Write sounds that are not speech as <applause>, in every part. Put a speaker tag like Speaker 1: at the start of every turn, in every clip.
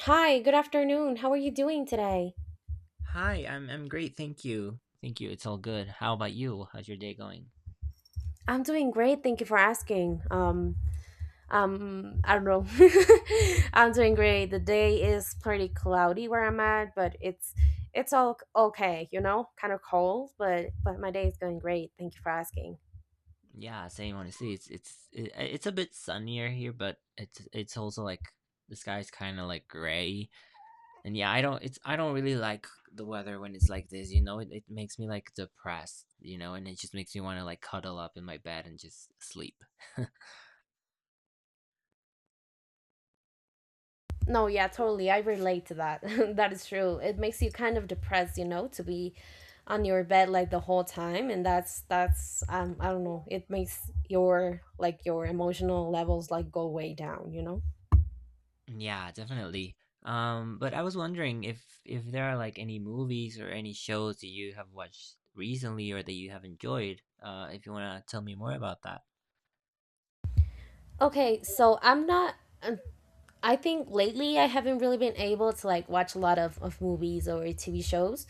Speaker 1: Hi, good afternoon. How are you doing today?
Speaker 2: Hi, I'm great, thank you. Thank you. It's all good. How about you? How's your day going?
Speaker 1: I'm doing great. Thank you for asking. I don't know. <laughs> I'm doing great. The day is pretty cloudy where I'm at, but it's all okay, you know, kind of cold, but my day is going great. Thank you for asking.
Speaker 2: Yeah, same honestly. It's a bit sunnier here, but it's also like the sky's kind of like gray. And yeah, I don't really like the weather when it's like this, you know? It makes me like depressed, you know, and it just makes me want to like cuddle up in my bed and just sleep. <laughs>
Speaker 1: No, yeah, totally. I relate to that. <laughs> That is true. It makes you kind of depressed, you know, to be on your bed like the whole time, and that's I don't know. It makes your like your emotional levels like go way down, you know?
Speaker 2: Yeah, definitely. But I was wondering if there are like any movies or any shows that you have watched recently or that you have enjoyed. If you want to tell me more about that.
Speaker 1: Okay, so I'm not, um, I think lately I haven't really been able to like watch a lot of movies or TV shows.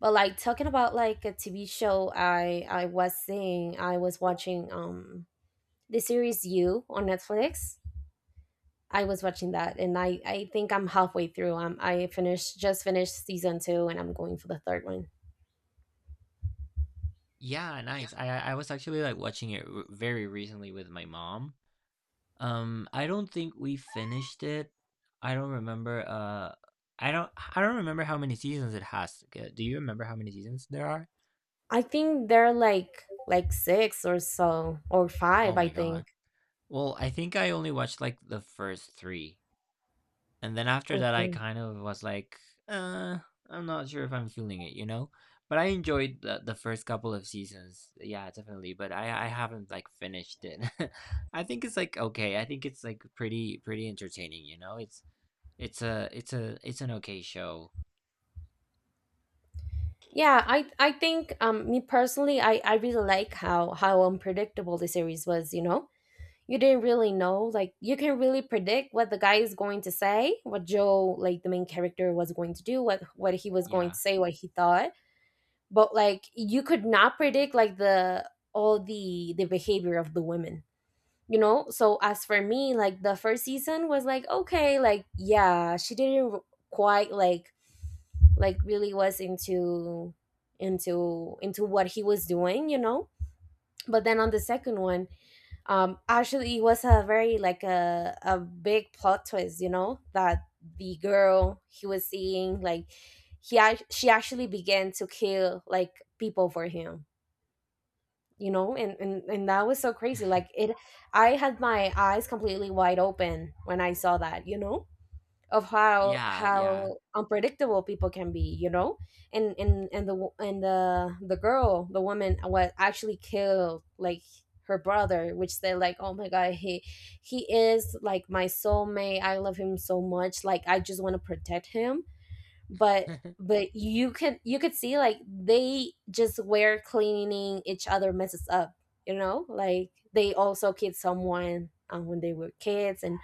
Speaker 1: But like talking about like a TV show, I was seeing, I was watching the series You on Netflix. I was watching that, and I think I'm halfway through. I finished just finished season two, and I'm going for the third one.
Speaker 2: Yeah, nice. I was actually like watching it very recently with my mom. I don't think we finished it. I don't remember. I don't remember how many seasons it has. Do you remember how many seasons there are?
Speaker 1: I think they're like six or so, or five,
Speaker 2: Oh
Speaker 1: I
Speaker 2: my God.
Speaker 1: think.
Speaker 2: Well, I think I only watched like the first three. And then after that, I
Speaker 1: Okay.
Speaker 2: kind of was like, uh, I'm not sure if I'm feeling it, you know? But I enjoyed the first couple of seasons. Yeah, definitely. But I haven't like finished it. <laughs> I think it's like okay. I think it's like pretty entertaining, you know? It's an okay show.
Speaker 1: Yeah, I think, me personally, I really like how unpredictable the series was. You know, you didn't really know, like, you can really predict what the guy is going to say, what Joe, like the main character, was going to do, what he was going to
Speaker 2: Yeah.
Speaker 1: say, what he thought. But like you could not predict like the all the behavior of the women, you know. So as for me, like, the first season was like okay, like, yeah, she didn't quite, like, really was into what he was doing, you know. But then on the second one, actually it was a very like a big plot twist, you know, that the girl he was seeing, like, she actually began to kill like people for him, you know, and that was so crazy, like,
Speaker 2: <laughs>
Speaker 1: it I had my eyes completely wide open when I saw that, you know, of how
Speaker 2: Yeah, yeah.
Speaker 1: how unpredictable people can be, you know. And the girl, the woman, was actually killed, like, her brother, which they, like, oh my God, he is like my soulmate, I love him so much, like I just want to protect him, but
Speaker 2: <laughs>
Speaker 1: but you could see, like, they just were cleaning each other messes up, you know, like they also killed someone, when they were kids, and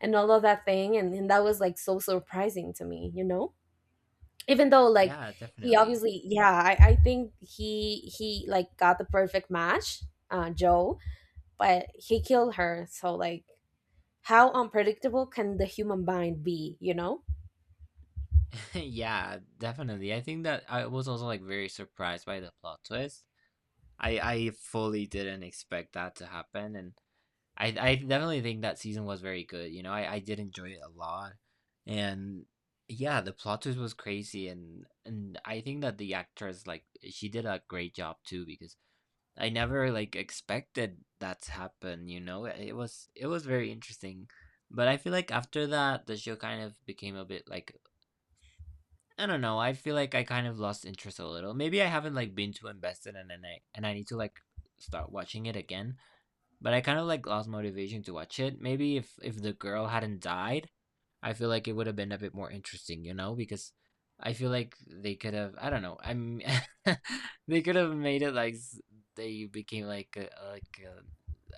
Speaker 1: and all of that thing, and that was like so surprising to me, you know, even though, like,
Speaker 2: Yeah,
Speaker 1: he
Speaker 2: definitely.
Speaker 1: obviously, yeah, I think he like got the perfect match, Joe, but he killed her. So, like, how unpredictable can the human mind be, you know?
Speaker 2: <laughs> Yeah, definitely. I think that I was also like very surprised by the plot twist. I fully didn't expect that to happen, and I definitely think that season was very good. You know, I did enjoy it a lot, and yeah, the plot twist was crazy, and I think that the actress, like, she did a great job too, because I never like expected that to happen. You know, it was very interesting, but I feel like after that the show kind of became a bit like I don't know. I feel like I kind of lost interest a little. Maybe I haven't like been too invested in it, and I need to like start watching it again, but I kind of like lost motivation to watch it. Maybe if the girl hadn't died, I feel like it would have been a bit more interesting, you know, because I feel like they could have I don't know. I'm <laughs> they could have made it like they became like a, like a,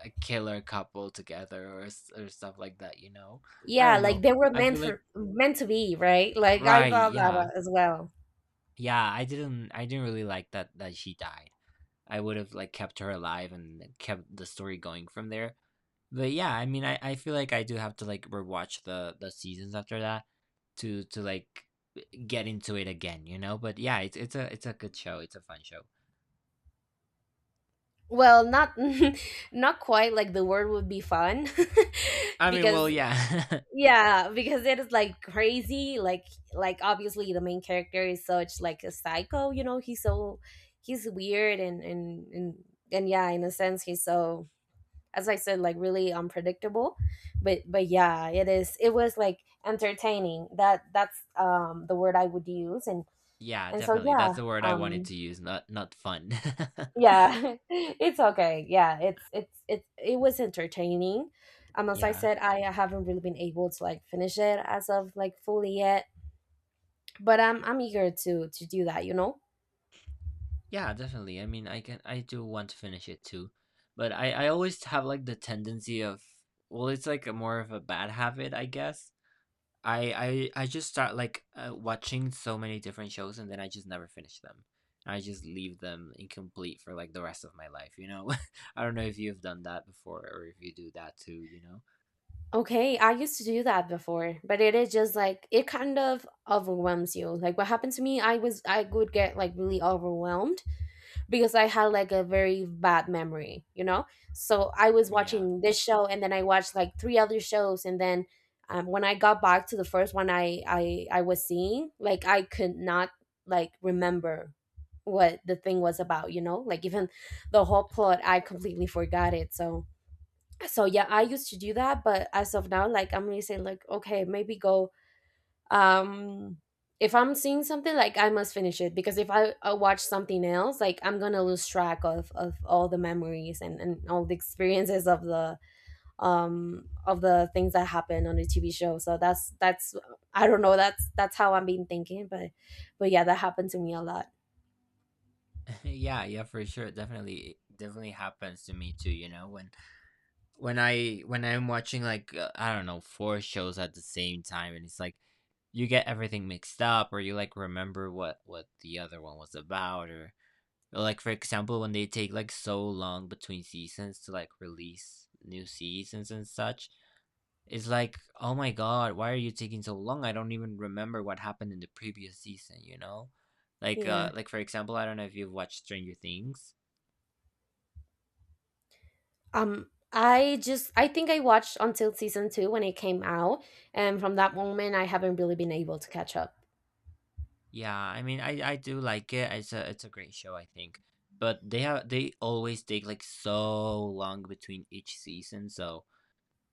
Speaker 2: a killer couple together or or stuff like that, you know. I
Speaker 1: Yeah,
Speaker 2: don't
Speaker 1: like
Speaker 2: know.
Speaker 1: they were
Speaker 2: I feel like
Speaker 1: meant to be, right? Like I
Speaker 2: right,
Speaker 1: thought
Speaker 2: yeah.
Speaker 1: that as well.
Speaker 2: Yeah, I didn't really like that she died. I would have like kept her alive and kept the story going from there. But yeah, I mean, I feel like I do have to like rewatch the seasons after that to like get into it again, you know? But yeah, it's a good show. It's a fun show.
Speaker 1: Well, not <laughs> not quite, like, the word would be fun <laughs>
Speaker 2: I mean, well,
Speaker 1: because,
Speaker 2: yeah. <laughs>
Speaker 1: yeah, because it is like crazy, like, obviously the main character is such like a psycho, you know, he's so, he's weird, and yeah, in a sense he's so, as I said, like really unpredictable. But, yeah, it was like entertaining. That's, the word I would use. and
Speaker 2: Yeah,
Speaker 1: and so,
Speaker 2: definitely. That's
Speaker 1: yeah,
Speaker 2: the word I wanted
Speaker 1: um
Speaker 2: to use, not fun. <laughs>
Speaker 1: yeah <laughs> it's okay, yeah, it was entertaining. Um, as I
Speaker 2: Yeah.
Speaker 1: said, I haven't really been able to, like, finish it as of, like, fully yet. But I'm eager to do that, you know.
Speaker 2: Yeah, definitely. I mean, I can I do want to finish it too. But I always have like the tendency of well, it's like a more of a bad habit, I guess. I just start like watching so many different shows and then I just never finish them. I just leave them incomplete for like the rest of my life, you know? <laughs> I don't know if you've done that before or if you do that too, you know?
Speaker 1: Okay, I used to do that before, but it is just like it kind of overwhelms you. Like what happened to me, I would get like really overwhelmed because I had like a very bad memory, you know? So I was
Speaker 2: Yeah.
Speaker 1: watching this show and then I watched like three other shows, and then, when I got back to the first one, I was seeing, like I could not like remember what the thing was about, you know? Like even the whole plot, I completely forgot it. So, yeah, I used to do that, but as of now, like, I'm really saying, like, okay, maybe go, um if I'm seeing something, like, I must finish it because if I, I watch something else, like I'm gonna lose track of all the memories and all the experiences of the, of the things that happen on the TV show. So, that's I don't know, that's how I've been thinking. But, yeah, that happened to me a lot.
Speaker 2: <laughs> Yeah, yeah, for sure. Definitely it definitely happens to me too, you know, when I when I'm watching like I don't know, four shows at the same time, and it's like you get everything mixed up or you like remember what the other one was about, or like for example, when they take like so long between seasons to like release new seasons and such, it's like, oh my god, why are you taking so long? I don't even remember what happened in the previous season, you know?
Speaker 1: Yeah.
Speaker 2: Like for example, I don't know if you've watched Stranger Things.
Speaker 1: I think I watched until season two when it came out, and from that moment I haven't really been able to catch up.
Speaker 2: Yeah, I mean I do like it. It's a great show, I think. But they always take like so long between each season, so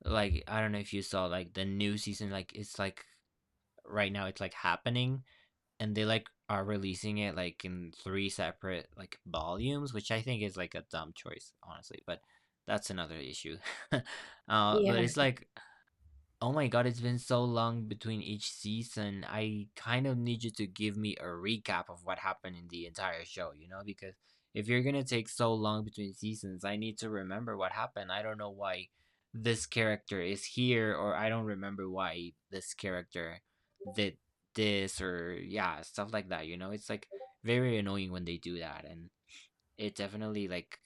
Speaker 2: like I don't know if you saw like the new season, like it's like right now it's like happening. And they, like, are releasing it, like, in 3 separate, like, volumes, which I think is, like, a dumb choice, honestly, but that's another issue. <laughs> But
Speaker 1: Yeah.
Speaker 2: it's like oh my god, it's been so long between each season. I kind of need you to give me a recap of what happened in the entire show, you know? Because if you're gonna take so long between seasons, I need to remember what happened. I don't know why this character is here, or I don't remember why this character did this, or yeah, stuff like that, you know? It's like very annoying when they do that, and it definitely like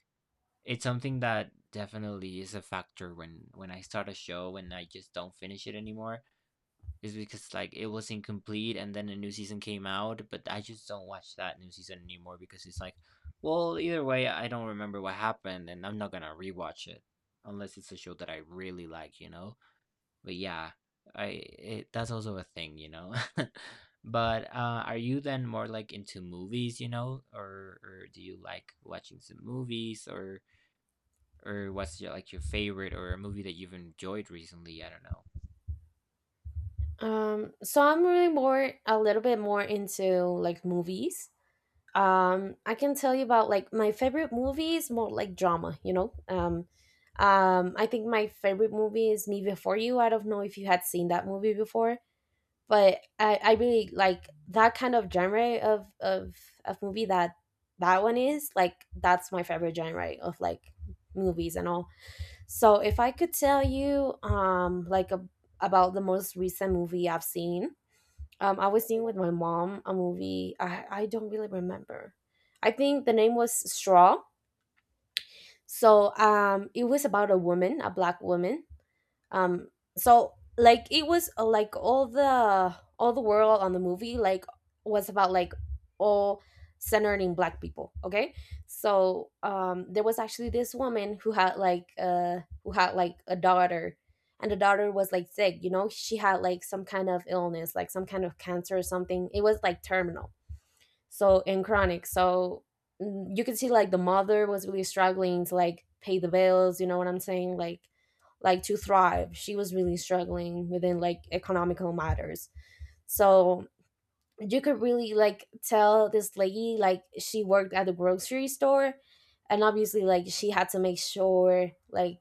Speaker 2: it's something that definitely is a factor when I start a show and I just don't finish it anymore. Is because like it was incomplete and then a new season came out, but I just don't watch that new season anymore because it's like, well, either way, I don't remember what happened and I'm not gonna rewatch it unless it's a show that I really like, you know? But yeah, I it, that's also a thing, you know? <laughs> But are you then more like into movies, you know, or do you like watching some movies, or what's your like your favorite or a movie that you've enjoyed recently? I don't know.
Speaker 1: So I'm really more a little bit more into like movies. I can tell you about, like, my favorite movie is more like drama, you know. I think my favorite movie is Me Before You. I don't know if you had seen that movie before. But I really like that kind of genre of movie. That one is, like, that's my favorite genre of like movies and all. So if I could tell you, like, about the most recent movie I've seen, I was seeing with my mom a movie, I don't really remember. I think the name was Straw. So, it was about a woman, a black woman, um so, like, it was, like, all the world on the movie, like, was about, like, all centered in black people. Okay. So, there was actually this woman who had, like, who had like a daughter, and the daughter was like sick, you know, she had like some kind of illness, like some kind of cancer or something, it was like terminal, so, and chronic, so, you could see, like, the mother was really struggling to, like, pay the bills, you know what I'm saying, like, to thrive, she was really struggling within, like, economical matters. So you could really, like, tell this lady, like, she worked at the grocery store, and, obviously, like, she had to make sure, like,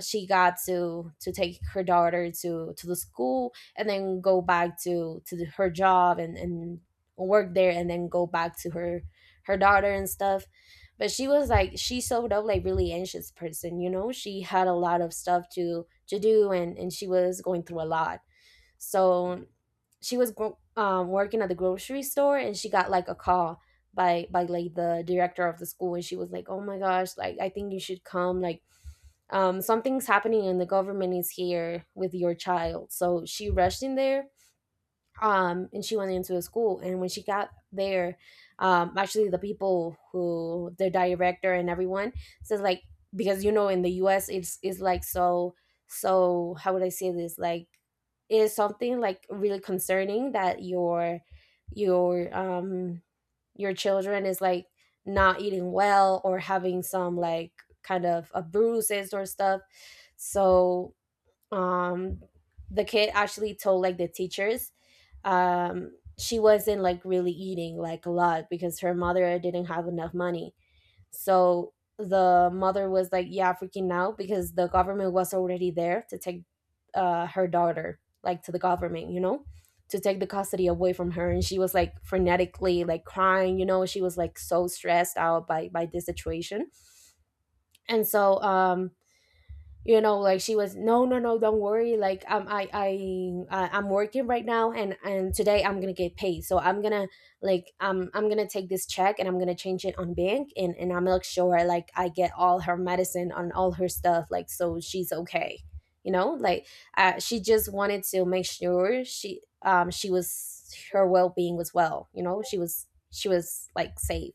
Speaker 1: she got to take her daughter to the school, and then go back to her job, and work there, and then go back to her daughter and stuff. But she was, like, she showed up, like, really anxious person, you know, she had a lot of stuff to do, and she was going through a lot. So, working at the grocery store and she got like a call by like the director of the school, and she was like, oh my gosh, like, I think you should come, like, something's happening and the government is here with your child. So she rushed in there. And she went into the school, and when she got there, actually the people, who the director and everyone, says, like, because you know, in the US it's like so, how would I say this, like, it is something like really concerning that your um your children is like not eating well or having some like kind of bruises or stuff. So, um the kid actually told, like, the teachers, she wasn't, like, really eating like a lot because her mother didn't have enough money. So the mother was like, "Yeah, freaking out," because the government was already there to take, her daughter, like, to the government, you know, to take the custody away from her, and she was, like, frenetically, like, crying, you know, she was, like, so stressed out by this situation. And so, you know, like, she was, "No, no, no, don't worry, like, I'm working right now, and today I'm gonna get paid, so I'm gonna, like, I'm gonna take this check and I'm gonna change it on bank, and I'm like sure, like, I get all her medicine on all her stuff, like, so she's okay, you know, like," she just wanted to make sure she was her well-being was well, you know, she was, like, safe.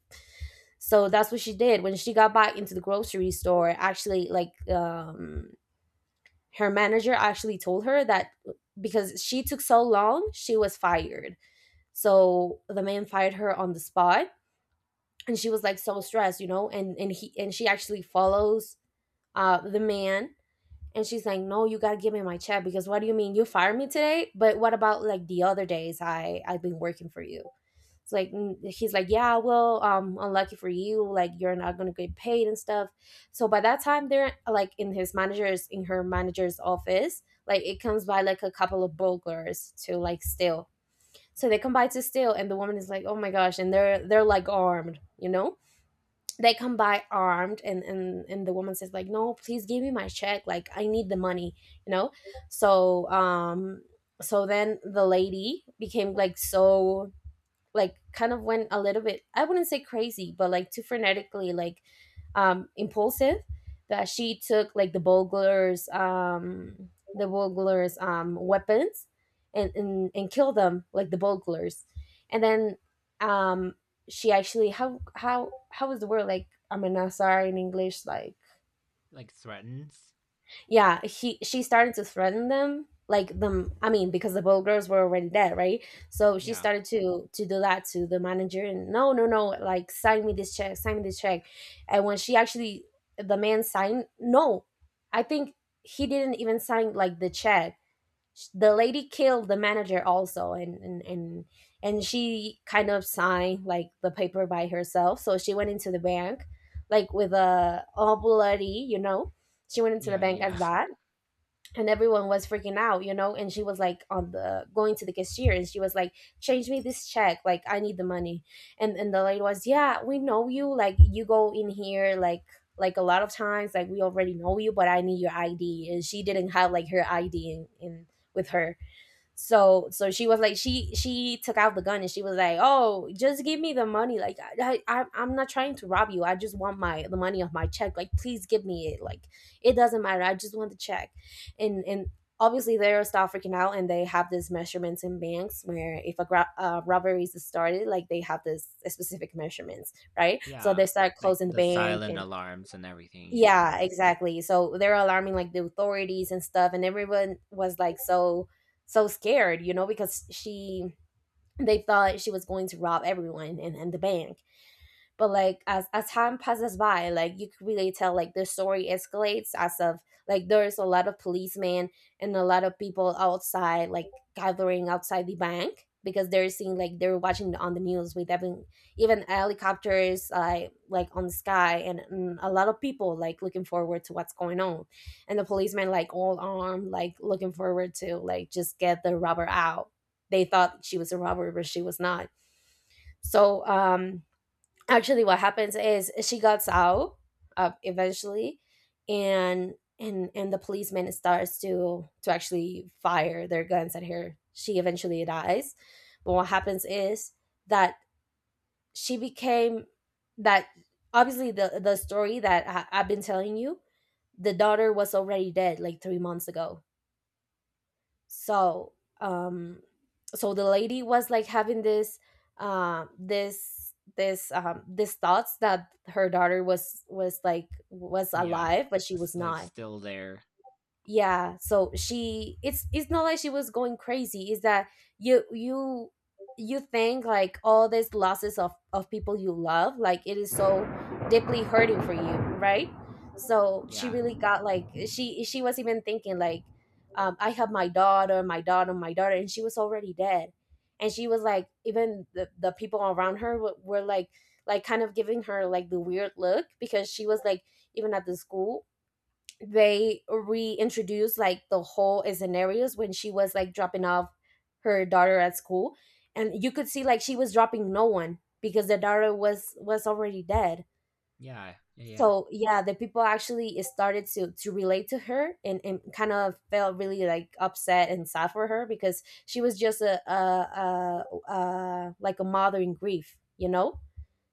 Speaker 1: So that's what she did. When she got back into the grocery store, actually, like, her manager actually told her that, because she took so long, she was fired. So the man fired her on the spot, and she was, like, so stressed, you know, and she actually follows the man, and she's like, "No, you got to give me my check, because what do you mean you fired me today?" But what about like the other days I've been working for you?" It's like he's like, yeah, well, unlucky for you, like you're not gonna get paid and stuff. So by that time, they're like in his manager's in her manager's office. Like it comes by like a couple of burglars to like steal. So they come by to steal, and the woman is like, oh my gosh, and they're like armed, you know. They come by armed, and the woman says like, no, please give me my check, like I need the money, you know. So um, so then the lady became like so like kind of went a little bit, I wouldn't say crazy, but like too frenetically, like impulsive, that she took like the burglars weapons and and killed them, like the burglars. And then um she actually, how is the word, like, I mean, I'm sorry, in English, like
Speaker 2: Like threatens?
Speaker 1: yeah, he she started to threaten them, like them, I mean, because the both girls were already dead, right? So she
Speaker 2: Yeah.
Speaker 1: started to do that to the manager, and no, no, no, like sign me this check, sign me this check. And when she actually, the man signed, no, I think he didn't even sign like the check. The lady killed the manager also, and and she kind of signed like the paper by herself. So she went into the bank like with a, all bloody, you know, she went into the
Speaker 2: Yeah,
Speaker 1: bank as
Speaker 2: yeah. <laughs>
Speaker 1: that. And everyone was freaking out, you know, and she was like on the going to the cashier, and she was like, change me this check, like I need the money. And the lady was, yeah, we know you, like you go in here like a lot of times, like we already know you, but I need your ID. And she didn't have like her ID in with her. So so she was like, she took out the gun, and she was like, oh, just give me the money, like I'm not trying to rob you, I just want my, the money of my check, like please give me it, like it doesn't matter, I just want the check. And obviously they're still freaking out, and they have these measurements in banks where if a robbery is started, like they have this specific measurements, right? So
Speaker 2: Yeah.
Speaker 1: they start
Speaker 2: Like
Speaker 1: closing the
Speaker 2: the
Speaker 1: bank,
Speaker 2: silent
Speaker 1: and
Speaker 2: alarms and everything, you know.
Speaker 1: yeah, exactly. So they're alarming like the authorities and stuff, and everyone was like so so scared, you know, because she, they thought she was going to rob everyone and the bank. But like as time passes by, like you could really tell like the story escalates as of, like there's a lot of policemen and a lot of people outside like gathering outside the bank, because they're seeing, like they're watching on the news, with even even helicopters, like on the sky, and a lot of people like looking forward to what's going on, and the policemen like all armed, like looking forward to like just get the robber out. They thought she was a robber, but she was not. so um actually what happens is she gets out, eventually. And and the policeman starts to actually fire their guns at her, she eventually dies. But what happens is that she became, that, obviously the story that I've been telling you, the daughter was already dead like 3 months ago. So um so the lady was like having this this thoughts that her daughter was like was
Speaker 2: Yeah.
Speaker 1: alive, but she was
Speaker 2: Like
Speaker 1: not.
Speaker 2: still there.
Speaker 1: Yeah, so she, it's not like she was going crazy, is that you you you think like all these losses of people you love, like it is so deeply hurting for you, right? So she
Speaker 2: Yeah.
Speaker 1: really got like, she was even thinking like, I have my daughter, my daughter, my daughter, and she was already dead. And she was like, even the people around her were like kind of giving her like the weird look, because she was like, even at the school, they reintroduced like the whole scenarios when she was like dropping off her daughter at school, and you could see like she was dropping no one, because the daughter was already dead.
Speaker 2: Yeah. Yeah, yeah.
Speaker 1: So yeah, the people actually started to relate to her and kind of felt really like upset and sad for her, because she was just a, like a mother in grief, you know.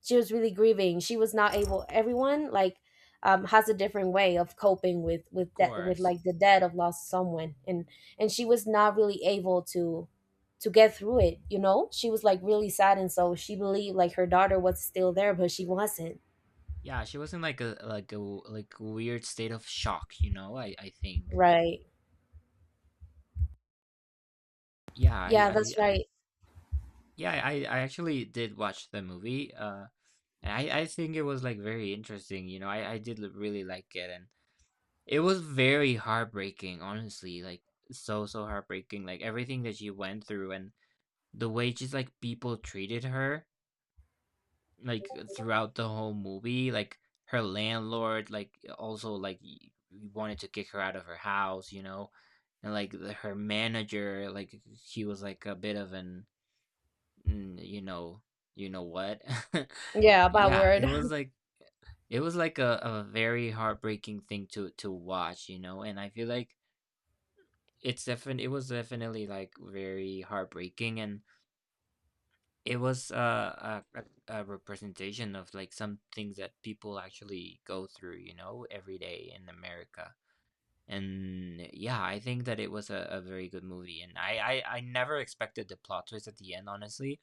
Speaker 1: She was really grieving, she was not able, everyone like has a different way of coping
Speaker 2: Of
Speaker 1: with that, with
Speaker 2: course.
Speaker 1: like the debt of lost someone. And she was not really able to get through it, you know, she was like really sad. And so she believed like her daughter was still there, but she wasn't.
Speaker 2: Yeah, she was in like a weird state of shock, you know, I think.
Speaker 1: Right.
Speaker 2: Yeah, I
Speaker 1: Yeah, that's
Speaker 2: I, I
Speaker 1: right.
Speaker 2: yeah, I actually did watch the movie. Uh, and I think it was like very interesting, you know. I did really like it, and it was very heartbreaking, honestly, like, so, so heartbreaking, like, everything that she went through, and the way just, like, people treated her, like, throughout the whole movie, like, her landlord, like, also, like, y wanted to kick her out of her house, you know, and, like, the her manager, like, he was, like, a bit of an mm, you know, you know what? <laughs>
Speaker 1: Yeah, bad
Speaker 2: Yeah,
Speaker 1: word.
Speaker 2: it was
Speaker 1: <laughs>
Speaker 2: like it was like a very heartbreaking thing to watch, you know, and I feel like it was definitely, like, very heartbreaking, and it was a a representation of, like, some things that people actually go through, you know, every day in America, and, yeah, I think that it was a very good movie, and I I never expected the plot twist at the end, honestly.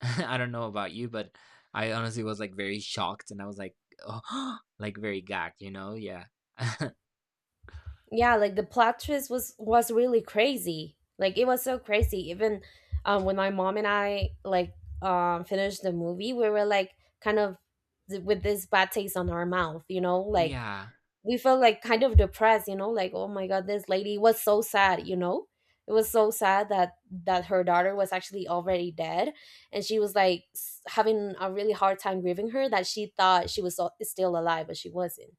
Speaker 2: <laughs> I don't know about you, but I honestly was, like, very shocked, and I was like, "Oh," <gasps> like, very gagged, you know? Yeah. <laughs>
Speaker 1: Yeah, like the plot twist was really crazy, like it was so crazy, even when my mom and I like finished the movie, we were like kind of with this bad taste on our mouth, you know, like
Speaker 2: Yeah.
Speaker 1: we felt like kind of depressed, you know, like, oh my god, this lady was so sad, you know. It was so sad that that her daughter was actually already dead, and she was like having a really hard time grieving her, that she thought she was still alive, but she wasn't.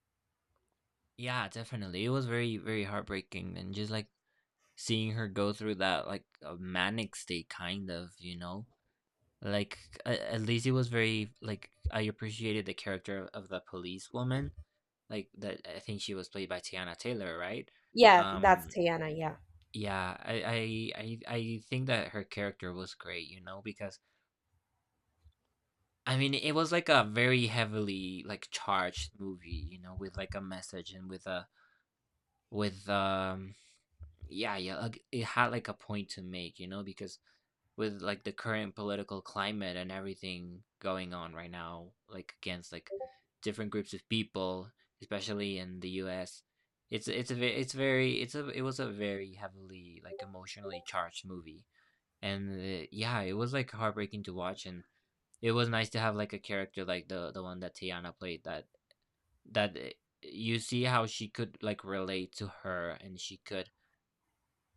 Speaker 2: Yeah, definitely. It was very, very heartbreaking, and just, like, seeing her go through that like a manic state kind of, you know, like at least it was very like I appreciated the character of the police woman, like that I think she was played by Tiana Taylor, right?
Speaker 1: Yeah, that's
Speaker 2: Um,
Speaker 1: Tiana, yeah.
Speaker 2: yeah, I think that her character was great, you know, because I mean it was like a very heavily like charged movie, you know, with like a message and with a with yeah yeah, like, it had like a point to make, you know, because with like the current political climate and everything going on right now, like against like different groups of people, especially in the U.S. It's a ve- it's very it's a it was a very heavily like emotionally charged movie, and yeah, it was like heartbreaking to watch, and it was nice to have like a character like the one that Tiana played that that uh, you see how she could like relate to her and she could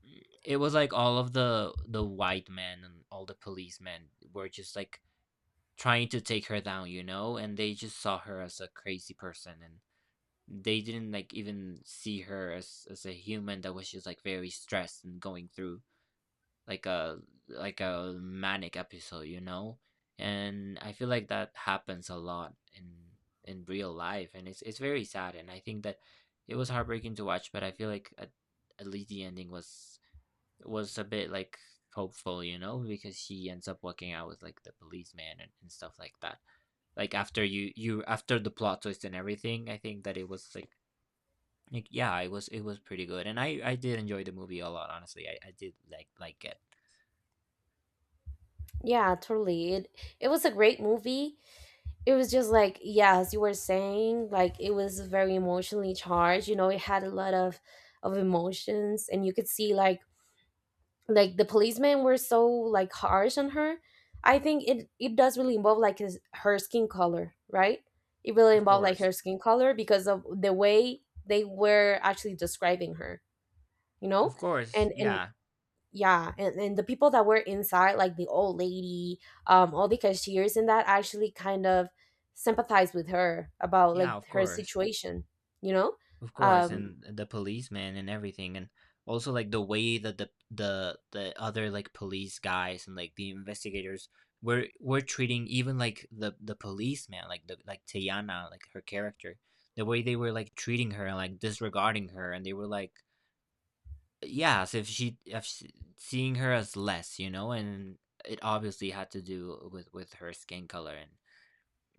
Speaker 2: mm, it was like all of the white men and all the policemen were just like trying to take her down, you know, and they just saw her as a crazy person and they didn't like even see her as a human that was just like very stressed and going through like a like a manic episode, you know? And I feel like that happens a lot in real life, and it's very sad, and I think that it was heartbreaking to watch, but I feel like at least the ending was a bit like hopeful, you know, because he ends up working out with like the policeman and stuff like that. Like after you after the plot twist and everything, I think that it was like yeah, it was pretty good, and I did enjoy the movie a lot. Honestly, I did like it.
Speaker 1: Yeah, totally. It was a great movie. It was just like, yeah, as you were saying, like it was very emotionally charged. You know, it had a lot of emotions, and you could see like the policemen were so like harsh on her. I think it it does really involve like her skin color, right? It really
Speaker 2: Of
Speaker 1: involved like
Speaker 2: course,
Speaker 1: her skin color because of the way they were actually describing her, you know?
Speaker 2: of course,
Speaker 1: And
Speaker 2: yeah,
Speaker 1: yeah and the people that were inside, like the old lady, all the cashiers and that actually kind of sympathized with her about
Speaker 2: yeah,
Speaker 1: like
Speaker 2: of
Speaker 1: her
Speaker 2: course.
Speaker 1: situation, you know.
Speaker 2: Of course,
Speaker 1: um
Speaker 2: and the policeman and everything, and also like the way that the other like police guys and like the investigators were treating even like the policeman, like the Teyana, like her character, the way they were like treating her and like disregarding her, and they were like, yeah, as if if she seeing her as less, you know, and it obviously had to do with her skin color and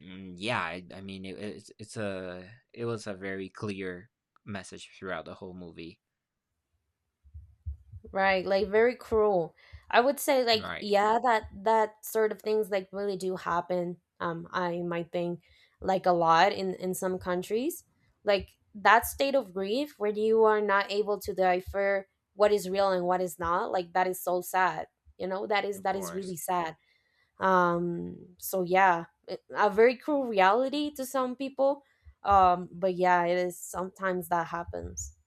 Speaker 2: Yeah, I mean it was a very clear message throughout the whole movie.
Speaker 1: right, like very cruel, I would say, like
Speaker 2: Right.
Speaker 1: yeah, that that sort of things like really do happen. I might think like a lot in some countries, like that state of grief where you are not able to differ what is real and what is not, like that is so sad, you know,
Speaker 2: Of
Speaker 1: that is
Speaker 2: course.
Speaker 1: really sad. So yeah, it- a very cruel reality to some people. But yeah, it is sometimes that happens.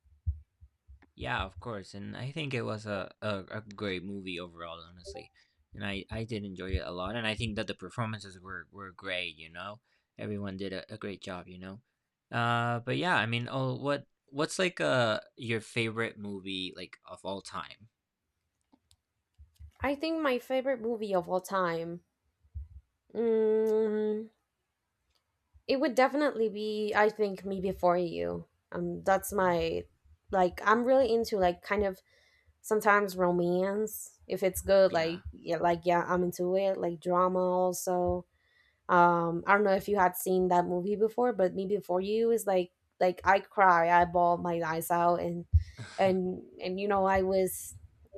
Speaker 2: Yeah, of course. And I think it was a great movie overall, honestly. And I did enjoy it a lot. And I think that the performances were great, you know? Everyone did a great job, you know? But yeah, I mean, oh, what's like your favorite movie like of all time?
Speaker 1: I think my favorite movie of all time, mm, it would definitely be, I think, Me Before You. That's
Speaker 2: Mm.
Speaker 1: my, like I'm really into like kind of sometimes romance, if it's good,
Speaker 2: Yeah.
Speaker 1: like yeah, like yeah, I'm into it, like drama also. I don't know if you had seen that movie before, but Me Before You is like I cry, I bawled my eyes out,
Speaker 2: <laughs>
Speaker 1: and you know I was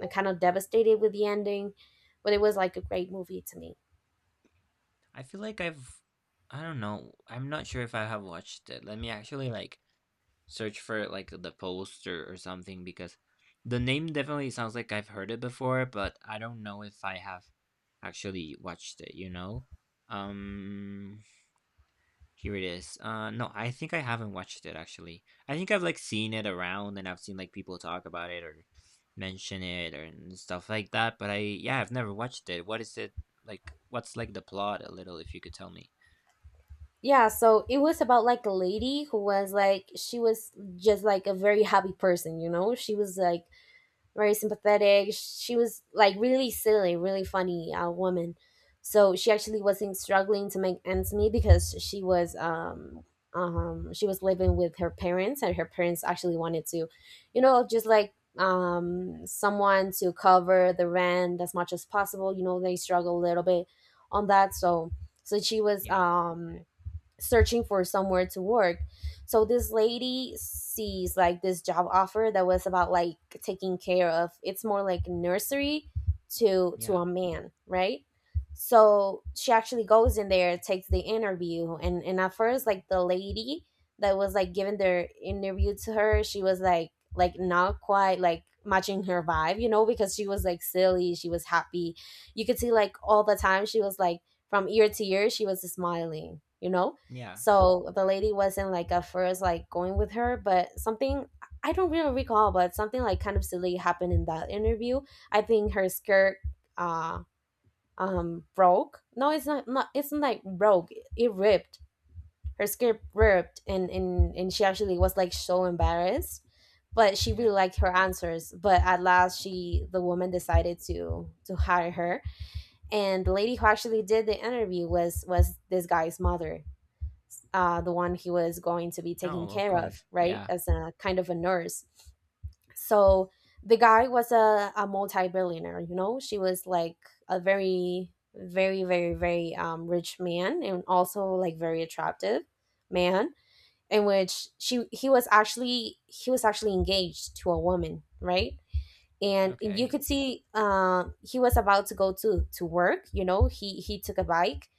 Speaker 1: kind of devastated with the ending, but it was like a great movie to me.
Speaker 2: I feel like I don't know. I'm not sure if I have watched it. Let me actually like search for like the poster or something because the name definitely sounds like I've heard it before, but I don't know if I have actually watched it, you know? Um Here it is. No, I think I haven't watched it actually. I think I've like seen it around, and I've seen like people talk about it or mention it or and stuff like that, but I yeah, I've never watched it. What's like the plot a little if you could tell me?
Speaker 1: Yeah, so it was about like a lady who was like, she was just like a very happy person, you know. She was like very sympathetic. She was like really silly, really funny woman. So she actually wasn't struggling to make ends meet, because she was living with her parents, and her parents actually wanted to, you know, just like someone to cover the rent as much as possible. You know, they struggle a little bit on that. So so she was
Speaker 2: Yeah.
Speaker 1: searching for somewhere to work. So this lady sees like this job offer that was about like taking care of, it's more like nursery, to
Speaker 2: Yeah.
Speaker 1: a man, right? So she actually goes in there, takes the interview, and at first like the lady that was like giving their interview to her, she was like not quite like matching her vibe, you know, because she was like silly, she was happy. You could see like all the time she was like from ear to ear she was smiling, you know?
Speaker 2: Yeah.
Speaker 1: So the lady wasn't like at first like going with her, but something I don't really recall, but something like kind of silly happened in that interview. I think her skirt uh broke. No, it's not, not, it's not like broke. It ripped. Her skirt ripped, and and she actually was like so embarrassed. But she really
Speaker 2: Yeah.
Speaker 1: liked her answers. But at last she, the woman decided to hire her. And the lady who actually did the interview was this guy's mother, the one he was going to be taking
Speaker 2: Oh, of
Speaker 1: care of,
Speaker 2: course.
Speaker 1: right?
Speaker 2: Yeah.
Speaker 1: As a kind of a nurse. So the guy was a multi billionaire, you know? She was like a very, very, very, very rich man and also like very attractive man, in which she he was actually engaged to a woman, right? And you
Speaker 2: Okay.
Speaker 1: could see, he was about to go to work. He took a bike,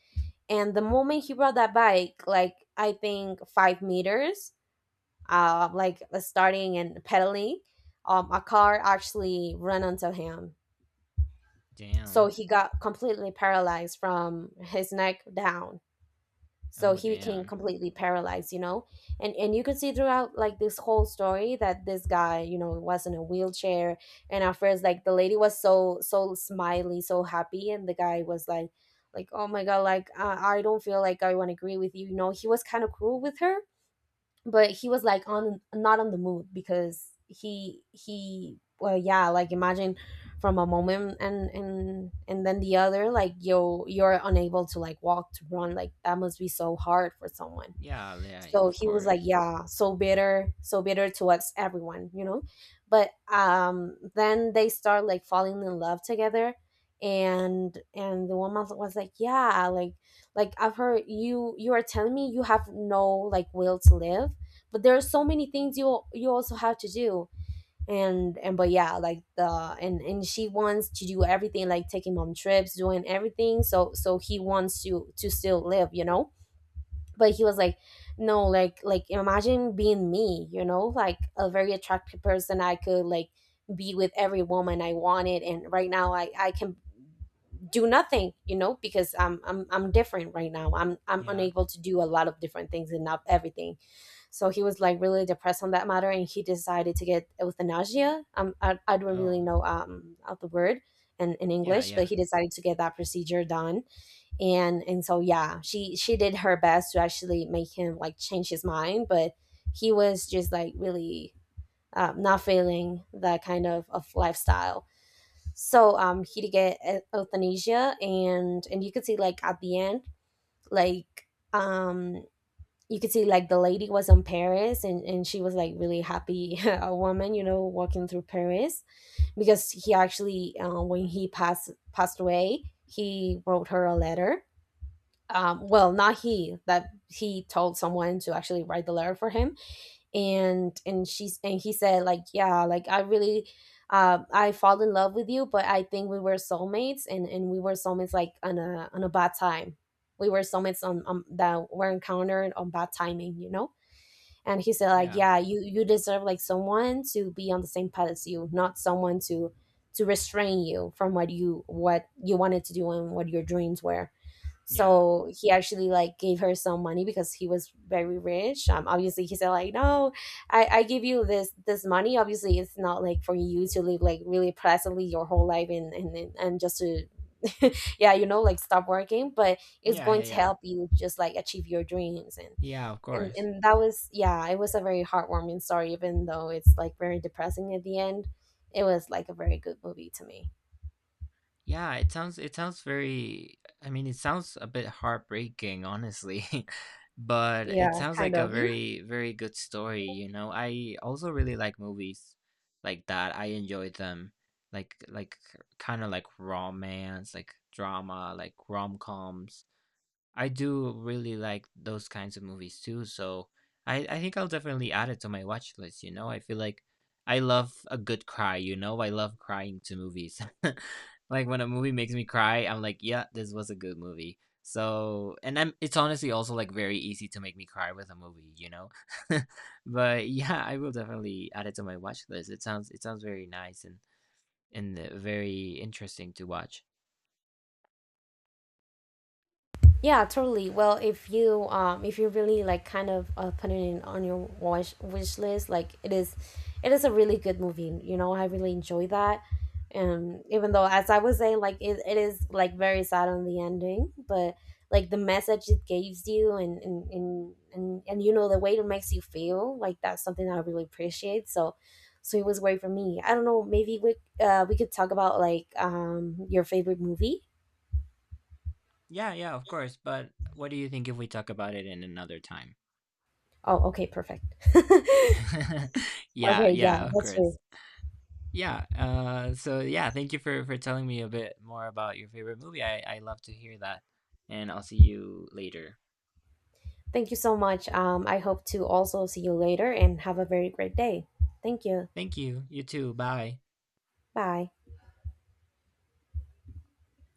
Speaker 1: and the moment he brought that bike, like, I think 5 meters, like, starting and pedaling, a car actually ran onto him. So
Speaker 2: Damn.
Speaker 1: he got completely paralyzed from his neck down. So
Speaker 2: Oh,
Speaker 1: he became
Speaker 2: damn.
Speaker 1: completely paralyzed. And you could see throughout, like, this whole story that this guy was in a wheelchair. And at first, like, the lady was so smiley, so happy, and the guy was like oh my god, like, I don't feel like I want to agree with you you know He was kind of cruel with her. But he was like, on, not on the mood, because he, well, yeah, like, imagine from a moment and then the other, like, you're unable to, like, walk, to run, like that must be so hard for someone.
Speaker 2: Yeah, yeah,
Speaker 1: So
Speaker 2: of
Speaker 1: he was like,
Speaker 2: course.
Speaker 1: yeah, so bitter towards everyone, you know? But then they start like falling in love together. And the woman was like, yeah, like I've heard you are telling me you have no, like, will to live, but there are so many things you also have to do. And but, yeah, like, the and she wants to do everything, like taking mom trips, doing everything. So he wants to still live. But he was like, no, like, imagine being me, like a very attractive person, I could, like, be with every woman I wanted. And right now, I can do nothing, because I'm different. Right now, I'm
Speaker 2: Yeah.
Speaker 1: unable to do a lot of different things, and not everything. So he was like really depressed on that matter, and he decided to get euthanasia. I don't really
Speaker 2: Oh,
Speaker 1: know of the word in
Speaker 2: yeah,
Speaker 1: English, but
Speaker 2: yeah.
Speaker 1: he decided to get that procedure done. And so, yeah, she did her best to actually make him, like, change his mind, but he was just like really, not feeling that kind of lifestyle. So, he get euthanasia, and you could see, like, at the end, like, you could see, like, the lady was in Paris, and she was like really happy <laughs> a woman, walking through Paris, because he actually, when he passed away, he wrote her a letter. Well, not he, that he told someone to actually write the letter for him. And he said, like, yeah, like, I really, I fall in love with you, but I think we were soulmates, and we were soulmates, like, on a bad time. We were soulmates on that were encountered on bad timing. And he said, like,
Speaker 2: Yeah.
Speaker 1: yeah, you deserve, like, someone to be on the same path as you, not someone to restrain you from what you wanted to do and what your dreams were.
Speaker 2: Yeah.
Speaker 1: So he actually, like, gave her some money because he was very rich. Obviously, he said, like, no, I give you this money. Obviously, it's not, like, for you to live, like, really pleasantly your whole life, and just to <laughs> yeah, like, stop working, but it's
Speaker 2: Yeah,
Speaker 1: going
Speaker 2: yeah,
Speaker 1: to
Speaker 2: yeah.
Speaker 1: help you, just like, achieve your dreams. and
Speaker 2: Yeah, of
Speaker 1: and
Speaker 2: course.
Speaker 1: and that was, yeah, it was a very heartwarming story, even though it's like very depressing at the end. It was like a very good movie to me.
Speaker 2: Yeah, it sounds very, I mean, it sounds a bit heartbreaking, honestly. <laughs> But it
Speaker 1: Yeah,
Speaker 2: sounds
Speaker 1: kind
Speaker 2: like a
Speaker 1: of.
Speaker 2: very, very good story. I also really like movies like that. I enjoy them. Like kind of like romance, like drama, like rom-coms. I do really like those kinds of movies too, so I think I'll definitely add it to my watch list, you know? I feel like I love a good cry, you know? I love crying to movies. <laughs> Like when a movie makes me cry, I'm like, yeah, this was a good movie. So, and I'm it's honestly also like very easy to make me cry with a movie, you know? <laughs> But yeah, I will definitely add it to my watch list. It sounds very nice and very interesting to watch.
Speaker 1: Yeah, totally. Well, if you really, like, kind of, put it in on your wish list, like, it is a really good movie. You know, I really enjoy that. Even though, as I was saying, like, it is like very sad on the ending, but, like, the message it gives you and, the way it makes you feel, like, that's something I really appreciate. So it was great for me. I don't know, maybe we could talk about, like, your favorite movie.
Speaker 2: Yeah, yeah, of course. But what do you think if we talk about it in another time?
Speaker 1: Oh, okay, perfect. <laughs>
Speaker 2: <laughs> Yeah,
Speaker 1: Okay, yeah,
Speaker 2: yeah, of
Speaker 1: that's right.
Speaker 2: course. Yeah. So yeah, thank you for telling me a bit more about your favorite movie. I love to hear that, and I'll see you later.
Speaker 1: Thank you so much. I hope to also see you later and have a very great day. Thank you.
Speaker 2: Thank you. You too. Bye.
Speaker 1: Bye.